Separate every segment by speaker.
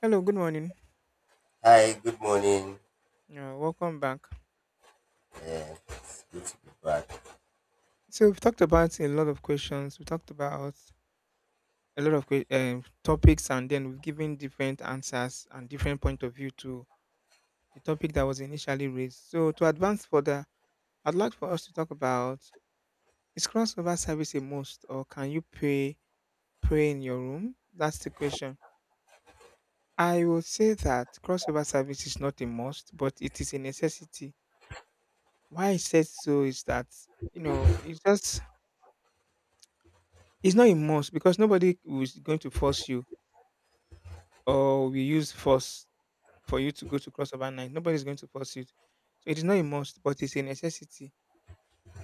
Speaker 1: Hello, good morning.
Speaker 2: Hi, good morning.
Speaker 1: Welcome back.
Speaker 2: Yeah, it's good to be back.
Speaker 1: So we've talked about a lot of questions. We talked about a lot of topics, and then we've given different answers and different point of view to the topic that was initially raised. So to advance further, I'd like for us to talk about is crossover service a must, or can you pray in your room? That's the question. I will say that crossover service is not a must, but it is a necessity. Why I said so is that you know it's just it's not a must because nobody is going to force you or we use force for you to go to crossover night. Nobody's going to force you. So it is not a must, but it's a necessity.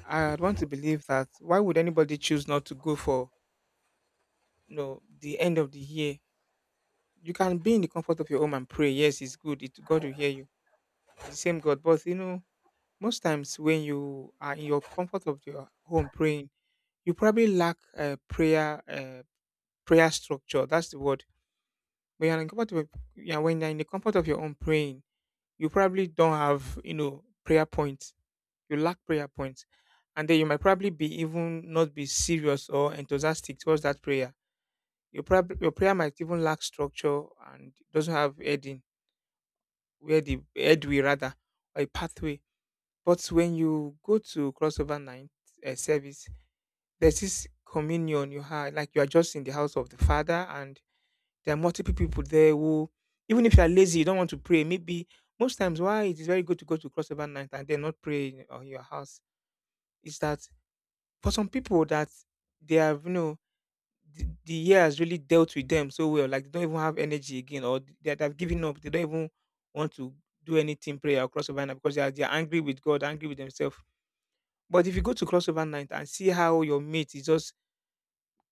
Speaker 1: I'd want to believe that why would anybody choose not to go for you know the end of the year? You can be in the comfort of your home and pray. Yes, it's good. It God will hear you. It's the same God. But you know, most times when you are in your comfort of your home praying, you probably lack a prayer structure. That's the word. But you're in the comfort of yeah, when you're in the comfort of your own praying, you probably don't have, you know, prayer points. You lack prayer points. And then you might probably be even not be serious or enthusiastic towards that prayer. Your prayer might even lack structure and doesn't have heading, where the headway rather, or a pathway. But when you go to crossover night service, there's this communion you have, like you are just in the house of the Father. And there are multiple people there who, even if you are lazy, you don't want to pray. Maybe most times why it is very good to go to crossover night and then not pray in on your house is that for some people that they have, you know, the year has really dealt with them so well, like they don't even have energy again, or that have given up. They don't even want to do anything prayer or crossover night because they are angry with God, angry with themselves. But if you go to crossover night and see how your mate is just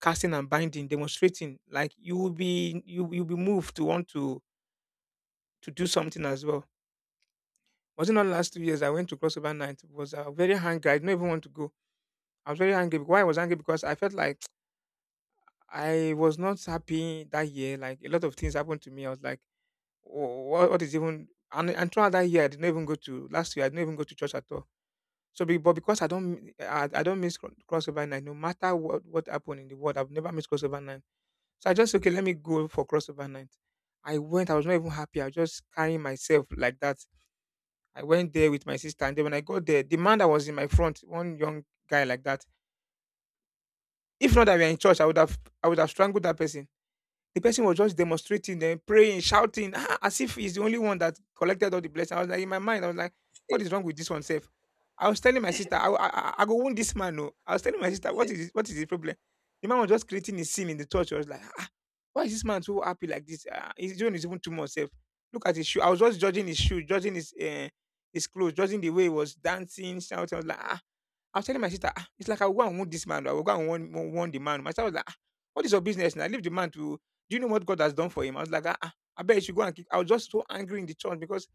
Speaker 1: casting and binding, demonstrating, like you'll be moved to want to do something as well. Was it not last 2 years I went to crossover night? It Was very hungry. I didn't even want to go. I was very angry. Why I was angry because I felt like I was not happy that year. Like a lot of things happened to me. I was like, what is even?" And, throughout that year, I didn't even go to last year. I didn't even go to church at all. So, but because I don't, I don't miss crossover night. No matter what happened in the world, I've never missed crossover night. So I just okay, let me go for crossover night. I went. I was not even happy. I was just carrying myself like that. I went there with my sister, and then when I got there, the man that was in my front, one young guy like that, if not that we are in church, I would have strangled that person. The person was just demonstrating then, praying, shouting, ah, as if he's the only one that collected all the blessing. I was like, in my mind, I was like, what is wrong with this one, self? I was telling my sister, I go wound this man. No. I was telling my sister, what is what is the problem? The man was just creating a scene in the church. I was like, ah, why is this man so happy like this? Ah, his doing is even too much self. Look at his shoe. I was just judging his shoe, judging his clothes, judging the way he was dancing, shouting. I was like, ah, I was telling my sister, "Ah, it's like I will go and want this man. I will go and want warn the man." My sister was like, "Ah, what is your business now? Leave the man to. Do you know what God has done for him?" I was like, ah, ah, I bet you should go and. Keep. I was just so angry in the church because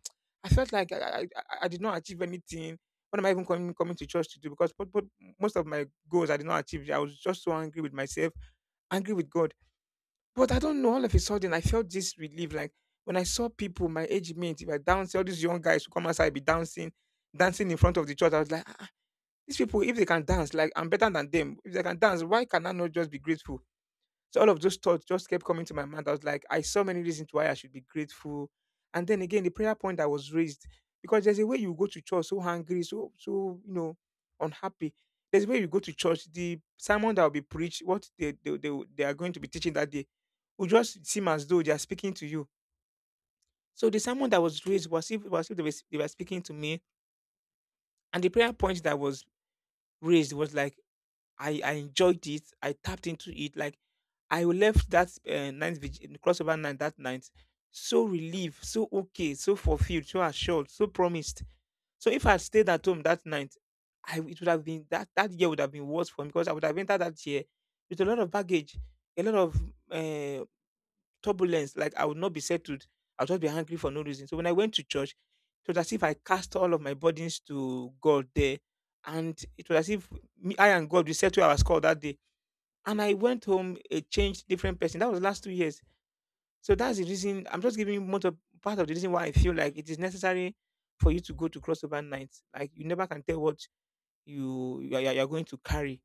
Speaker 1: I felt like I did not achieve anything. What am I even coming to church to do? Because but most of my goals I did not achieve. I was just so angry with myself, angry with God. But I don't know. All of a sudden, I felt this relief. Like when I saw people my age mate, if I dance, all these young guys who come outside be dancing, dancing in front of the church. I was like, "Ah, these people, if they can dance, like I'm better than them. If they can dance, why can I not just be grateful?" So all of those thoughts just kept coming to my mind. I was like, I saw many reasons why I should be grateful. And then again, the prayer point that was raised, because there's a way you go to church so hungry, so so you know, unhappy. There's a way you go to church. The sermon that will be preached, what they are going to be teaching that day, will just seem as though they are speaking to you. So the sermon that was raised was if they were, they were speaking to me, and the prayer point that was raised was like I enjoyed it. I tapped into it. Like I left that crossover night that night so relieved, so okay, so fulfilled, so assured, so promised. So if I stayed at home that night, I it would have been that that year would have been worse for me because I would have entered that year with a lot of baggage, a lot of uh, turbulence. Like I would not be settled. I'll just be angry for no reason. So when I went to church, it was as if I cast all of my burdens to God there, and it was as if me, I and God we settled our score that day and I went home a changed, different person. That was last 2 years. So that's the reason. I'm just giving you part of the reason why I feel like it is necessary for you to go to crossover nights. Like you never can tell what you are going to carry.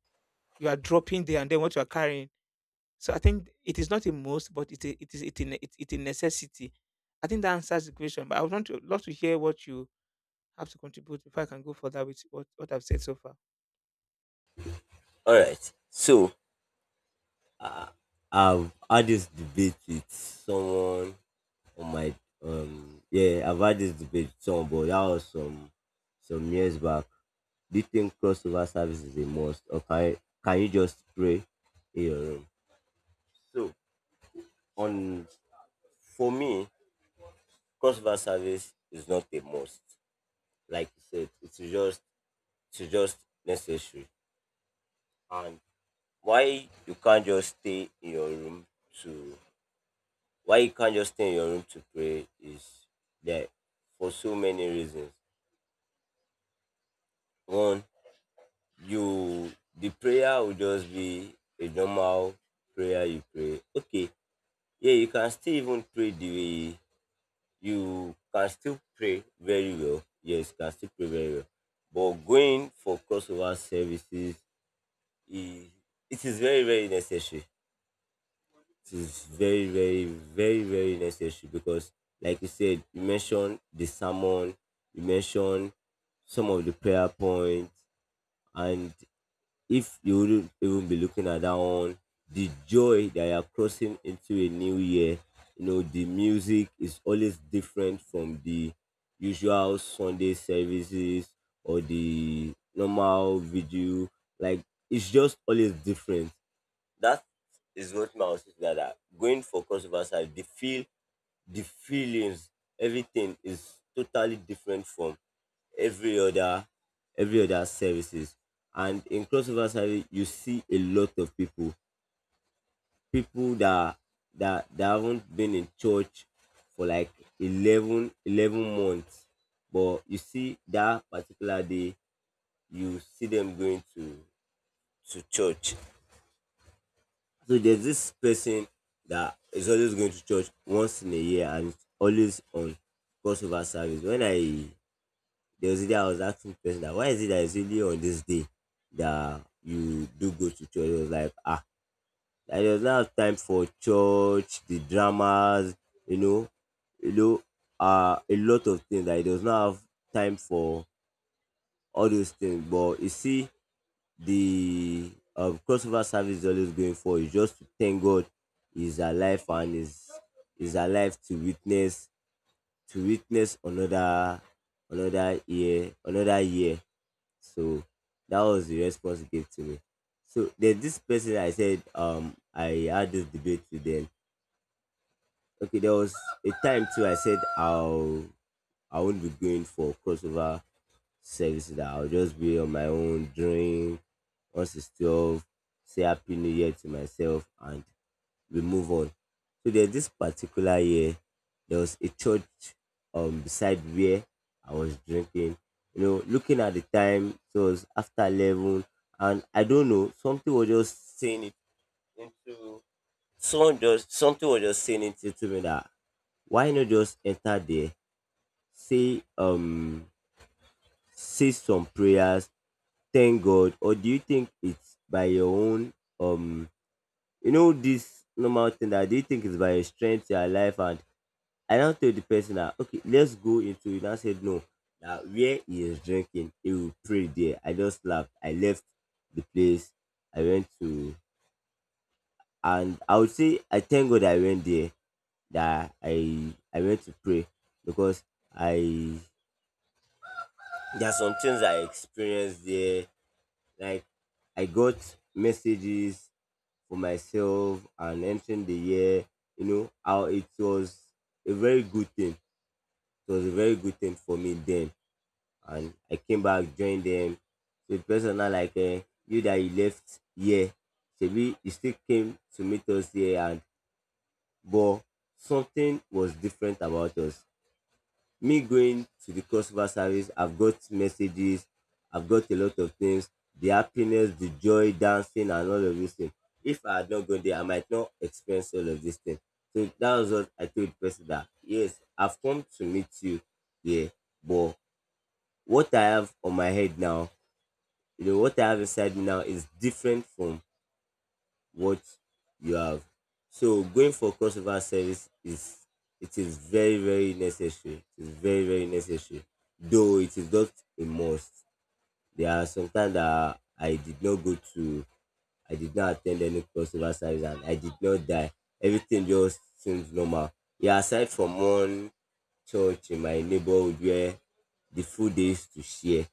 Speaker 1: You are dropping there and then what you are carrying. So I think it is not a must, but it is a necessity. I think that answers the question. But I would want to love to hear what you have to contribute before I can go further with what I've said so far.
Speaker 2: All right. So I've had this debate with someone on my yeah, I've had this debate with someone, but that was some years back. Do you think crossover service is a must, or can you just pray in your room? So on for me, crossover service is not a must. Like you said, it's just necessary. And why you can't just stay in your room to why you can't just stay in your room to pray is that for so many reasons. One, you the prayer will just be a normal prayer you pray. Okay, yeah, you can still even pray the way you can still pray very well. Yes, you can still pray very well. But going for crossover services is it is very, very necessary. It is very, very, very, very necessary because, like you said, you mentioned the sermon, you mentioned some of the prayer points. And if you wouldn't even be looking at that one, the joy that you are crossing into a new year, you know, the music is always different from the usual Sunday services or the normal video. Like, it's just always different. That is what my was that are going for crossover side, the feelings, everything is totally different from every other every other services. And in crossover service, you see a lot of people that haven't been in church for like eleven months. But you see that particular day, you see them going to church. So there's this person that is always going to church once in a year, and it's always on crossover service. When I there was a day I was asking the person that why is it that it's only on this day that you do go to church? He was like, ah, that there's not time for church, the dramas, you know, you know, a lot of things that he does not have time for all those things. But you see, the crossover service is always going for is just to thank God is alive, and is alive to witness another year. So that was the response he gave to me. So there's this person I said I had this debate with them. Okay, there was a time too I said I won't be going for crossover sex, that I'll just be on my own drink. Once it's 12, say Happy New Year to myself, and we move on. So there's this particular year, there was a church beside where I was drinking. You know, looking at the time, so it was after 11, and I don't know, something was just saying it into someone just something was just saying it to me that why not just enter there, say say some prayers, thank God. Or do you think it's by your own um you know, this normal thing, that do you think it's by your strength, your life? And I now tell the person that okay, let's go into it. And I said no. That where he is drinking, he will pray there. I just laughed. I left the place. I went to, and I would say I thank God I went there, that I went to pray because I there are some things I experienced there. Like, I got messages for myself, and entering the year, you know, how it was a very good thing. It was a very good thing for me then. And I came back, joined them. So the person now like, eh, you that you left here, Shebi, you still came to meet us here. And but something was different about us. Me going to the customer service, I've got messages, I've got a lot of things, the happiness, the joy, dancing, and all of these things. If I had not gone there, I might not experience all of these things. So that was what I told the person that yes, I've come to meet you here, but what I have on my head now, you know, what I have inside me now is different from what you have. So going for crossover service is it is very, very necessary. It is very, very necessary. Though it is not a must. There are sometimes that I did not go to, I did not attend any crossover service, and I did not die. Everything just seems normal. Yeah, aside from one church in my neighborhood where the food they used to share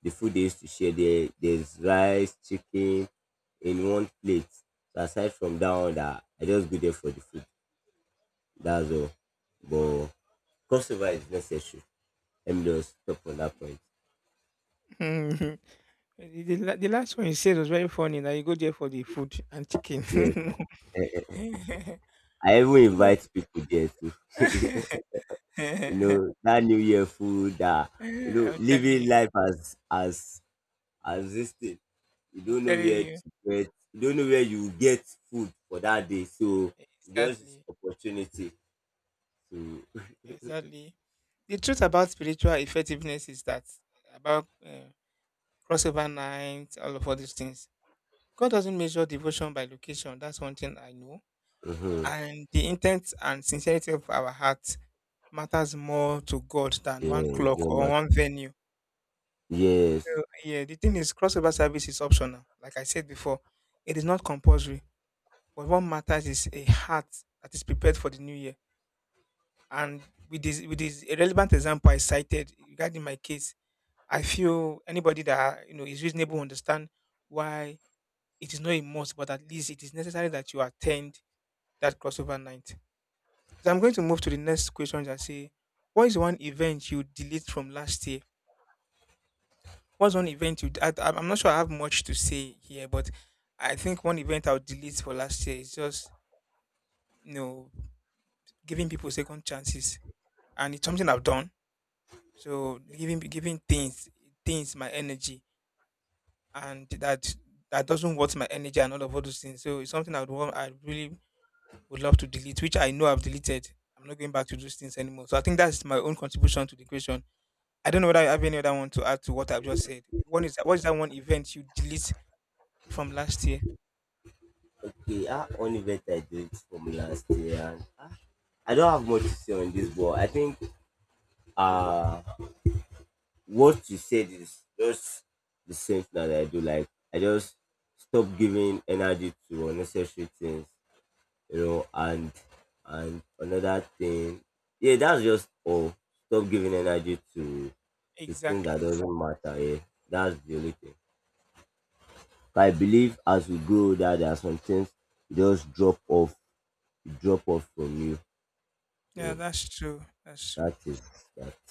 Speaker 2: the food they used to share there. There's rice, chicken in one plate. So aside from that one, that I just go there for the food. That's all. But crossover is necessary. Let me just stop on that point.
Speaker 1: Eh, the last one you said was very funny. Now you go there for the food and chicken.
Speaker 2: Yes. Eh, eh. I even
Speaker 1: Okay.
Speaker 2: invite people there too.
Speaker 1: I'm
Speaker 2: That New Year food, that
Speaker 1: telling you.
Speaker 2: living life as this thing. You
Speaker 1: I'm
Speaker 2: don't know
Speaker 1: telling
Speaker 2: where
Speaker 1: you.
Speaker 2: to get you don't know where you will get food for that day. So just
Speaker 1: Exactly.
Speaker 2: opportunity to.
Speaker 1: Exactly. The truth about spiritual effectiveness is that about crossover night, all of all these things. God doesn't measure devotion by location. That's one thing I know.
Speaker 2: Mm-hmm.
Speaker 1: And the intent and sincerity of our heart matters more to God than one
Speaker 2: Yeah,
Speaker 1: clock
Speaker 2: your
Speaker 1: or one
Speaker 2: matter.
Speaker 1: venue.
Speaker 2: Yes.
Speaker 1: So, yeah, the thing is, crossover service is optional. Like I said before, it is not compulsory. But what matters is a heart that is prepared for the new year. And with this a relevant example I cited regarding my case, I feel anybody that you know is reasonable understand why it is not a must, but at least it is necessary that you attend that crossover night. So I'm going to move to the next question and say, what is one event you delete from last year? What's one event you? I'm not sure I have much to say here, but I think one event I'll delete for last year is just you know giving people second chances, and it's something I've done. So giving things my energy, and that doesn't worth my energy and all of all those things. So it's something I would want, I really would love to delete, which I know I've deleted. I'm not going back to those things anymore. So I think that's my own contribution to the question. I don't know whether I have any other one to add to what I've just said. One is, what is that one event you delete from last year?
Speaker 2: Okay, I only bet I did from last year. And I don't have much to say on this, but I think uh what you said is just the same thing that I do. Like, I just stop giving energy to unnecessary things, you know, and another thing. Yeah, that's just all. Stop giving energy to things that
Speaker 1: Exactly.
Speaker 2: doesn't matter. Yeah, that's the only thing. But I believe as we grow older, there are some things you just drop off, you drop off from you.
Speaker 1: Yeah,
Speaker 2: So
Speaker 1: that's true. That's true.
Speaker 2: that is that.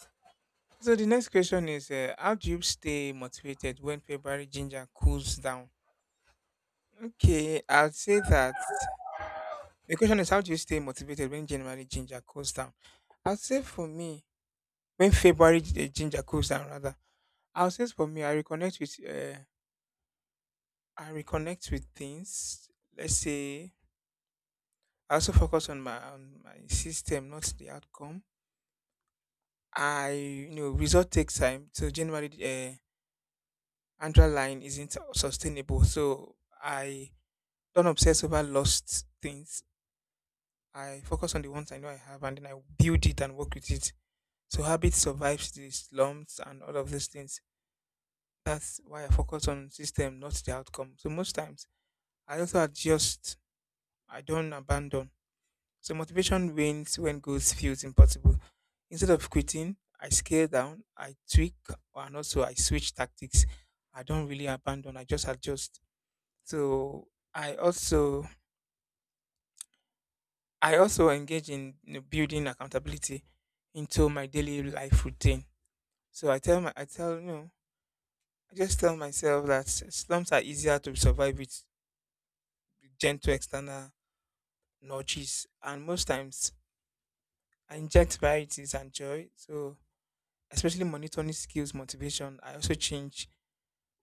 Speaker 1: So the next question is, how do you stay motivated when February ginger cools down? Okay, I'd say that the question is, how do you stay motivated when January ginger cools down? I'd say for me, when ginger cools down, rather, I'll say for me, I reconnect with things. Let's say I also focus on my system, not the outcome. I, you know, result takes time. So January, uh, Andra line isn't sustainable. So I don't obsess over lost things. I focus on the ones I know I have and then I build it and work with it. So habit survives the slumps and all of those things. That's why I focus on system, not the outcome. So most times I also adjust. I don't abandon. So motivation wanes when goals feels impossible. Instead of quitting, I scale down, I tweak, and also I switch tactics. I don't really abandon. I just adjust. So I also I also engage in, you know, building accountability into my daily life routine. So I tell, you know, I just tell myself that slumps are easier to survive with gentle external nudges, and most times I inject varieties and joy. So especially monitoring skills, motivation. I also change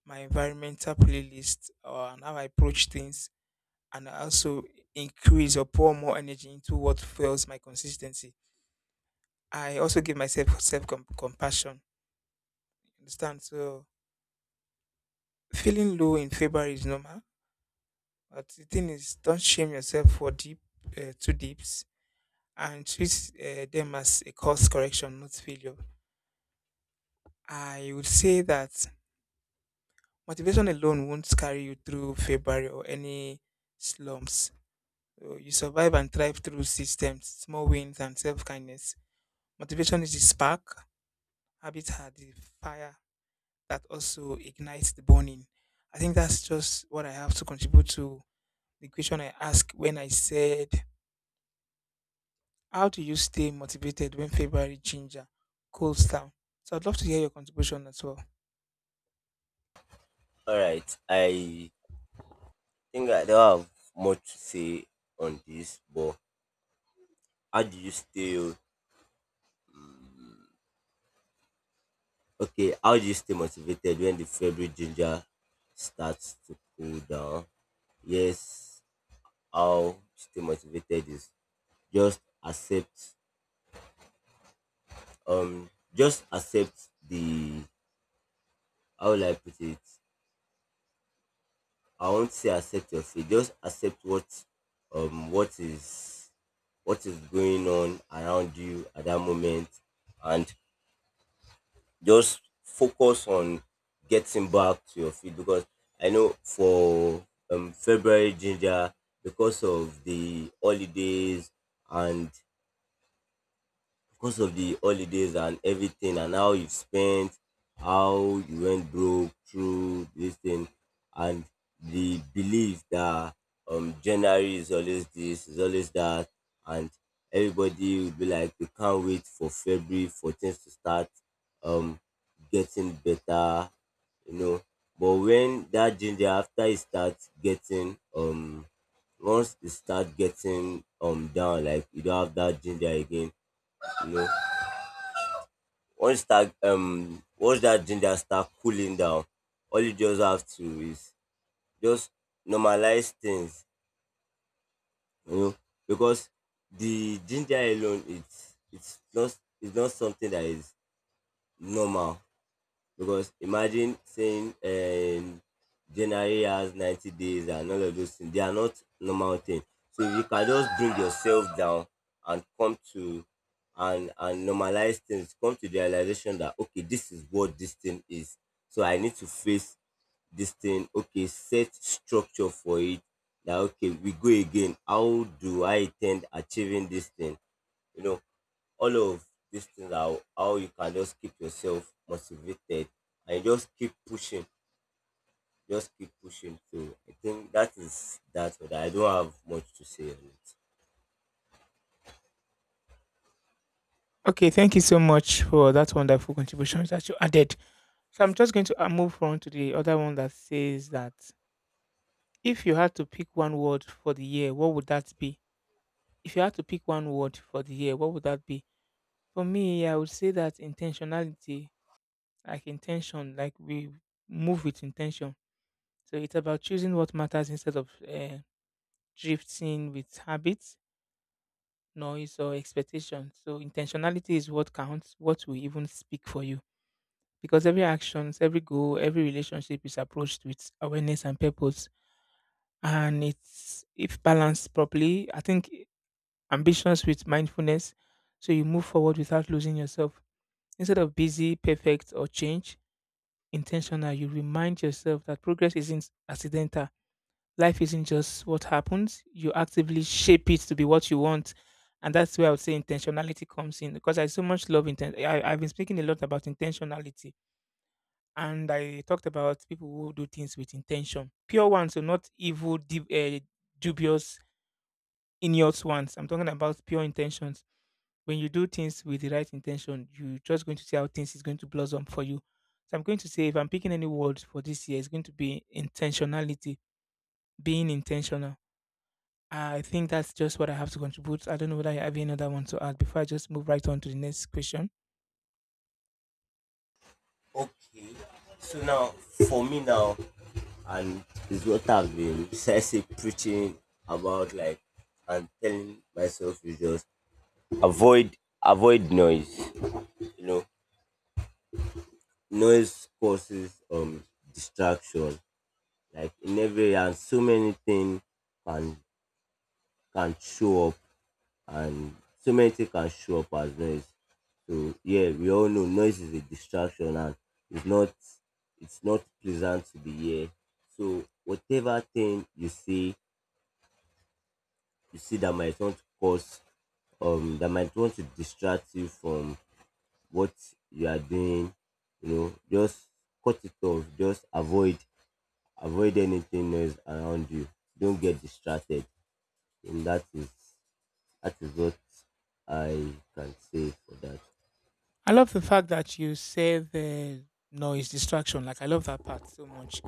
Speaker 1: my environmental playlist or and how I approach things, and I also increase or pour more energy into what fuels my consistency. I also give myself self compassion. Understand? So feeling low in February is normal, but the thing is, don't shame yourself for deep too deeps and treat them as a course correction, not failure. I would say that motivation alone won't carry you through February or any slumps. So you survive and thrive through systems, small wins, and self kindness. Motivation is the spark, habits are the fire, that also ignites the burning. I think that's just what I have to contribute to the question I asked when I said, how do you stay motivated when February ginger cools down? So I'd love to hear your contribution as well.
Speaker 2: All right. I think I don't have much to say on this, but how do you stay? Okay, how do you stay motivated when the February ginger starts to cool down? Yes, how stay motivated is just accept. Just accept the. How will I put it? I won't say accept your fate. Just accept um what is what is going on around you at that moment, and just focus on getting back to your feet, because I know for February ginger, because of the holidays and and everything, and how you spent, how you went broke through this thing, and the belief that January is always this, is always that, and everybody will be like, we can't wait for February for things to start um getting better, you know. But when that ginger after it starts getting once it starts getting down, like you don't have that ginger again, you know, once that ginger start cooling down, all you just have to is just normalize things, you know, because the ginger alone it's not something that is normal. Because imagine saying January has 90 days, and all of those things, they are not normal things. So if you can just bring yourself down and come to and normalize things, come to the realization that okay, this is what this thing is. So I need to face this thing, okay, set structure for it, that okay, we go again, how do I intend achieving this thing, you know? All of these things are how you can just keep yourself motivated, and you just keep pushing, just keep pushing. So I think that is that. But I don't have much to say on it.
Speaker 1: Okay, thank you so much for that wonderful contribution that you added. So I'm just going to, move on to the other one that says that if you had to pick one word for the year, what would that be? If you had to pick one word for the year, what would that be? For me, I would say that intentionality, like we move with intention, so it's about choosing what matters instead of, drifting with habits, noise, or expectations. So intentionality is what counts, what will even speak for you, because every actions, every goal, every relationship is approached with awareness and purpose. And it's, if balanced properly, I think, ambitions with mindfulness, so you move forward without losing yourself. Instead of busy, perfect, or change, intentional. You remind yourself that progress isn't accidental. Life isn't just what happens. You actively shape it to be what you want. And that's where I would say intentionality comes in, because I so much love I've been speaking a lot about intentionality, and I talked about people who do things with intention. Pure ones, so not evil, dubious, inept ones. I'm talking about pure intentions. When you do things with the right intention, you're just going to see how things is going to blossom for you. So I'm going to say if I'm picking any word for this year, it's going to be intentionality, being intentional. I think that's just what I have to contribute. I don't know whether I have any other one to add before I just move right on to the next question.
Speaker 2: Okay, so now for me now, and it's what I've been precisely preaching about, like, and telling myself is just avoid avoid noise. You know, noise causes distraction. Like, in every, and so many things can can show up, and so many things can show up as noise. So yeah, we all know noise is a distraction, and it's not it's not pleasant to the ear. So whatever thing you see that might want to cause that might want to distract you from what you are doing, you know, just cut it off, just avoid anything noise around you. Don't get distracted. And that is what I can say for that.
Speaker 1: I love the fact that you said the noise distraction. Like I love that part so much.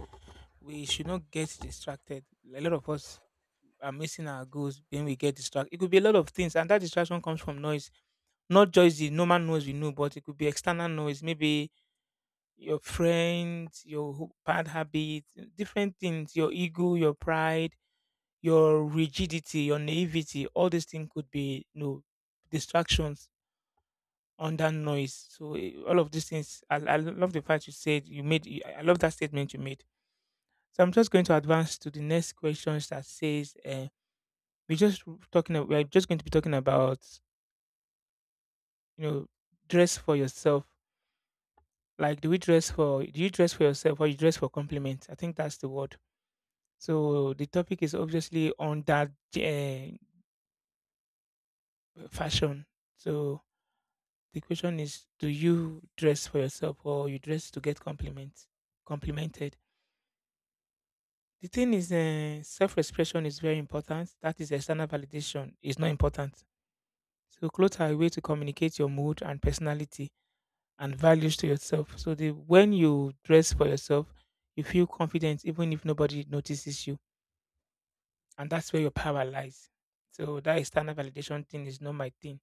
Speaker 1: We should not get distracted. A lot of us are missing our goals when we get distracted. It could be a lot of things, and that distraction comes from noise, not just the normal noise we know, but it could be external noise, maybe your friends, your bad habits, different things, your ego, your pride, your rigidity, your naivety. All these things could be no distractions under noise. So all of these things. I love the fact you said you made. I love that statement you made. So I'm just going to advance to the next questions that says, we're just We're just going to be talking about, you know, dress for yourself. Like, do we dress for? Do you dress for yourself, or you dress for compliments? I think that's the word. So the topic is obviously on that, uh, fashion. So the question is, do you dress for yourself, or you dress to get compliments, complimented? The thing is, self-expression is very important. That is, external validation is not important. So clothes are a way to communicate your mood and personality and values to yourself. So the when you dress for yourself, you feel confident even if nobody notices you. And that's where your power lies. So that external validation thing is not my thing.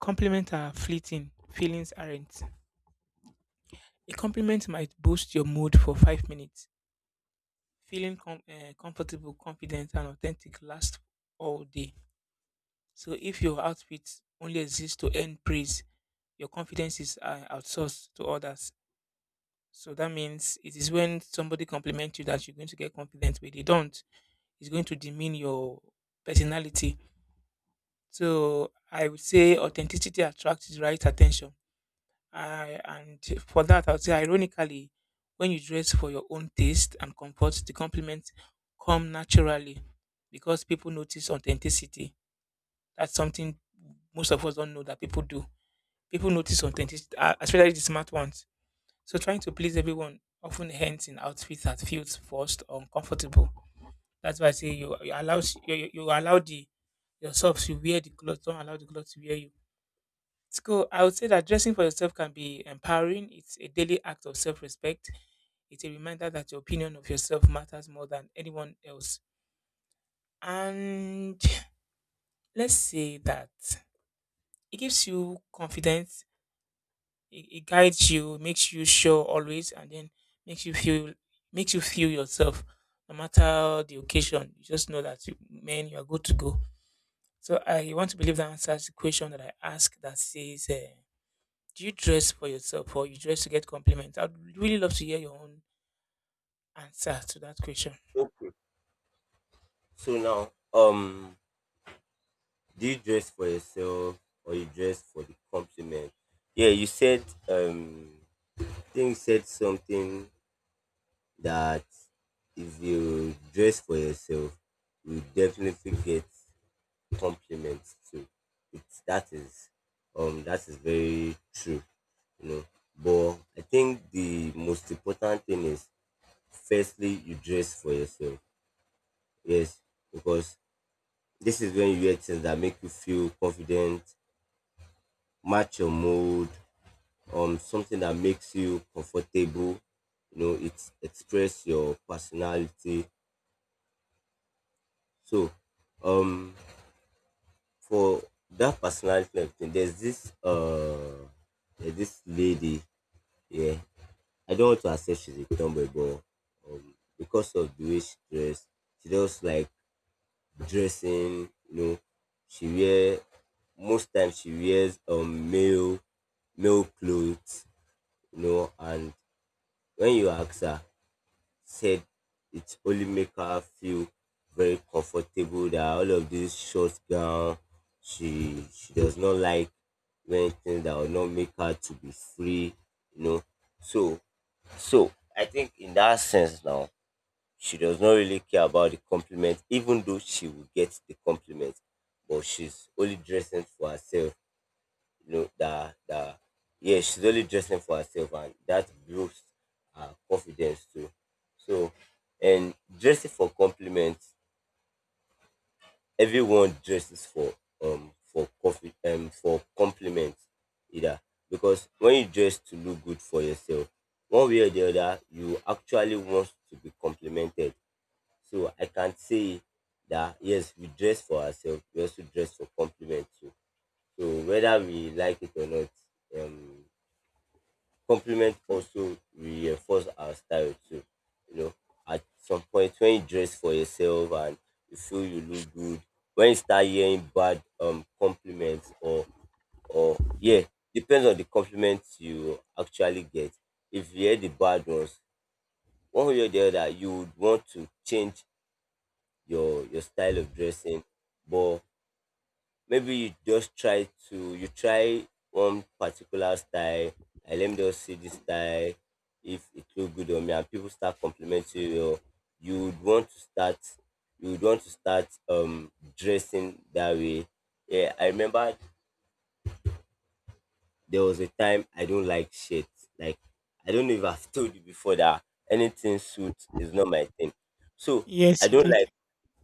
Speaker 1: Compliments are fleeting, feelings aren't. A compliment might boost your mood for 5 minutes. Feeling comfortable, confident, and authentic lasts all day. So if your outfit only exists to earn praise, your confidence is, outsourced to others. So that means it is when somebody compliments you that you're going to get confident, but they don't. It's going to demean your personality. So I would say authenticity attracts the right attention. And for that, I would say ironically, when you dress for your own taste and comfort, the compliments come naturally because people notice authenticity. That's something most of us don't know that people do. People notice authenticity, especially the smart ones. So trying to please everyone often ends in outfits that feels forced or uncomfortable. That's why I say you allow the yourself to wear the clothes. Don't allow the clothes to wear you. It's cool. I would say that dressing for yourself can be empowering. It's a daily act of self-respect. It's a reminder that your opinion of yourself matters more than anyone else. And let's say that it gives you confidence. It guides you, makes you sure always, and then makes you feel makes you feel yourself. No matter the occasion, you just know that you, man, you are good to go. So I want to believe that answers the question that I asked that says, do you dress for yourself or you dress to get compliments? I'd really love to hear your own answer to that question.
Speaker 2: Okay. So now, um, do you dress for yourself or you dress for the compliment? Yeah, you said I think you said something that if you dress for yourself, you definitely get compliments too. It's that is very true, you know. But I think the most important thing is firstly you dress for yourself. Yes, because this is when you wear things that make you feel confident, match your mood, something that makes you comfortable. You know, it express your personality. So, um, for that personality, and everything, there's this lady. Yeah, I don't want to accept she's a tomboy, but because of the way she dressed, she just like dressing, you know, she wear most times she wears male clothes, you know. And when you ask her, said it only make her feel very comfortable that all of this short gown, she does not like wearing things that will not make her to be free, you know. So so I think in that sense now, she does not really care about the compliment, even though she will get the compliment, but she's only dressing for herself. You know that that Yeah, she's only dressing for herself, and that builds her confidence too. So, and dressing for compliments, everyone dresses for coffee, for compliments either, because when you dress to look good for yourself, one way or the other, you actually want to be complimented. So I can say that yes, we dress for ourselves, we also dress for compliment too. So whether we like it or not, um, compliment also reinforce our style too. You know, at some point when you dress for yourself and you feel you look good, when you start hearing bad compliments or yeah, depends on the compliments you actually get. If you hear the bad ones, one way or the other, you would want to change your style of dressing. But maybe you try one particular style. I, let me just see this style, if it look good on me and people start complimenting you, or you would want to start, dressing that way. Yeah, I remember there was a time I don't like shirts. Like, I don't know if I've told you before that anything suit is not my thing. So
Speaker 1: Yes,
Speaker 2: I
Speaker 1: you
Speaker 2: don't like,
Speaker 1: did.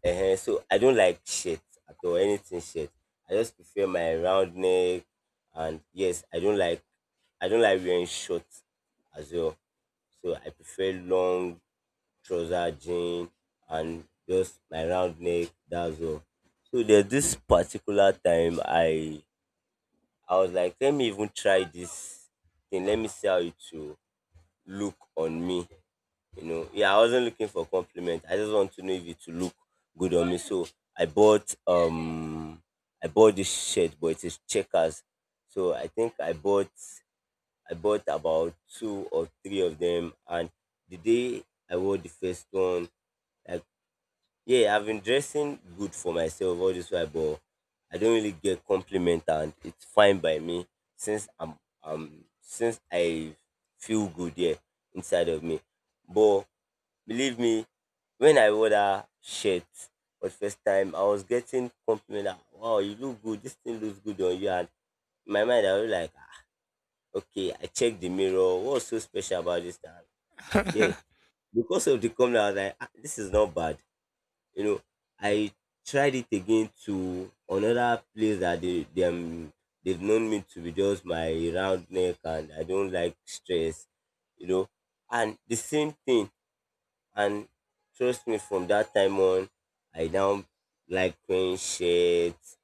Speaker 2: so I don't like shirt at all, anything shirt. I just prefer my round neck, and yes, I don't like wearing shorts as well. So I prefer long trouser jean and just my round neck. That's all. So there's this particular time I was like, let me even try this thing. Let me see how it will look on me. You know, yeah, I wasn't looking for compliment, I just want to know if it will look good on me. So i bought um I bought this shirt, but it is checkers. So I think I bought about two or three of them. And the day I wore the first one, like, yeah, I've been dressing good for myself all this while, but I don't really get compliment, and it's fine by me, since I feel good, yeah, inside of me. But believe me, when I wore that shirt for the first time, I was getting compliment that, wow, you look good. This thing looks good on you. And in my mind, I was like, "Ah, okay, I checked the mirror. What's so special about this time?" Yeah, because of the comment, I was like, ah, this is not bad. You know, I tried it again to another place that they them they've known me to be just my round neck, and I don't like stress, you know. And the same thing, and trust me, from that time on, I now like wearing shirts,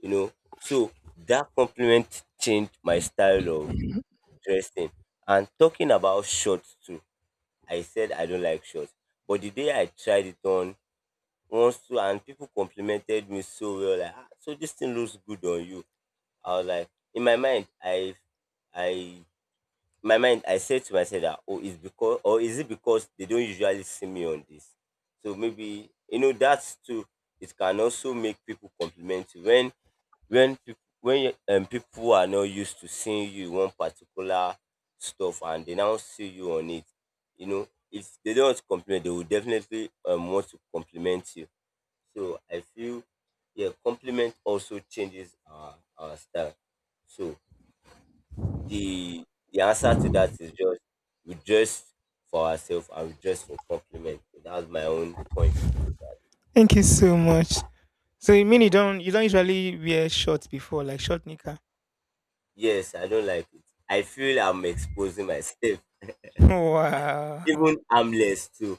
Speaker 2: you know. So that compliment changed my style of dressing. And talking about shorts too, I said I don't like shorts. But the day I tried it on once too, and people complimented me so well, like, ah, so this thing looks good on you. I was like, in my mind, I my mind I said to myself that, oh, it's because, or is it because they don't usually see me on this? So maybe, you know, that's too, it can also make people compliment you when, people are not used to seeing you in one particular stuff, and they now see you on it, you know. If they don't compliment, they will definitely want to compliment you. So I feel, yeah, compliment also changes our style. So the the answer to that is just we dress for ourselves and we dress for compliment. That's my own point.
Speaker 1: Thank you so much. So you mean you don't usually wear shorts before, like short knicker?
Speaker 2: Yes, I don't like it. I feel I'm exposing myself, even
Speaker 1: Wow.
Speaker 2: armless too.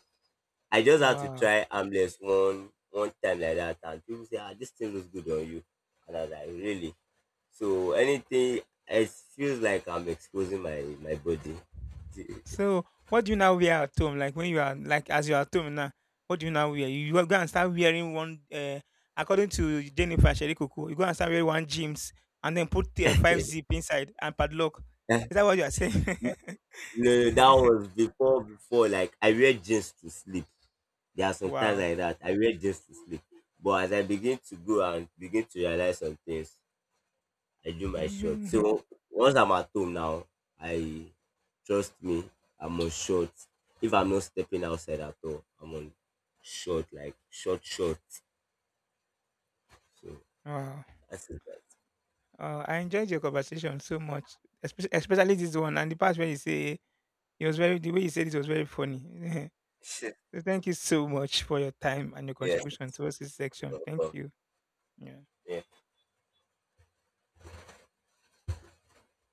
Speaker 2: I just had to
Speaker 1: Wow.
Speaker 2: try armless one time like that, and people say, "Ah, this thing looks good on you," and I was like, "Really?" So anything, it feels like I'm exposing my body.
Speaker 1: So what do you now wear at home? Like when you are like as you are at home now, what do you now wear? You go and start wearing one. According to Jennifer Sherikuku, you go and start wearing one jeans and then put, five zip inside and padlock. Is that what you are saying?
Speaker 2: No, no, that was before before. Like, I wear jeans to sleep. There are some times
Speaker 1: Wow.
Speaker 2: like that. I wear jeans to sleep. But as I begin to go and begin to realize some things, I do my short. So once I'm at home now, I, trust me, I'm on short. If I'm not stepping outside at all, I'm on short, like short, short. So
Speaker 1: Wow.
Speaker 2: that's it. That.
Speaker 1: I enjoyed your conversation so much, especially this one and the part where you say it was very, the way you said it was very funny. So thank you so much for your time and your
Speaker 2: Yes.
Speaker 1: contribution towards this section. Thank
Speaker 2: Welcome.
Speaker 1: you. Yeah.
Speaker 2: Yeah.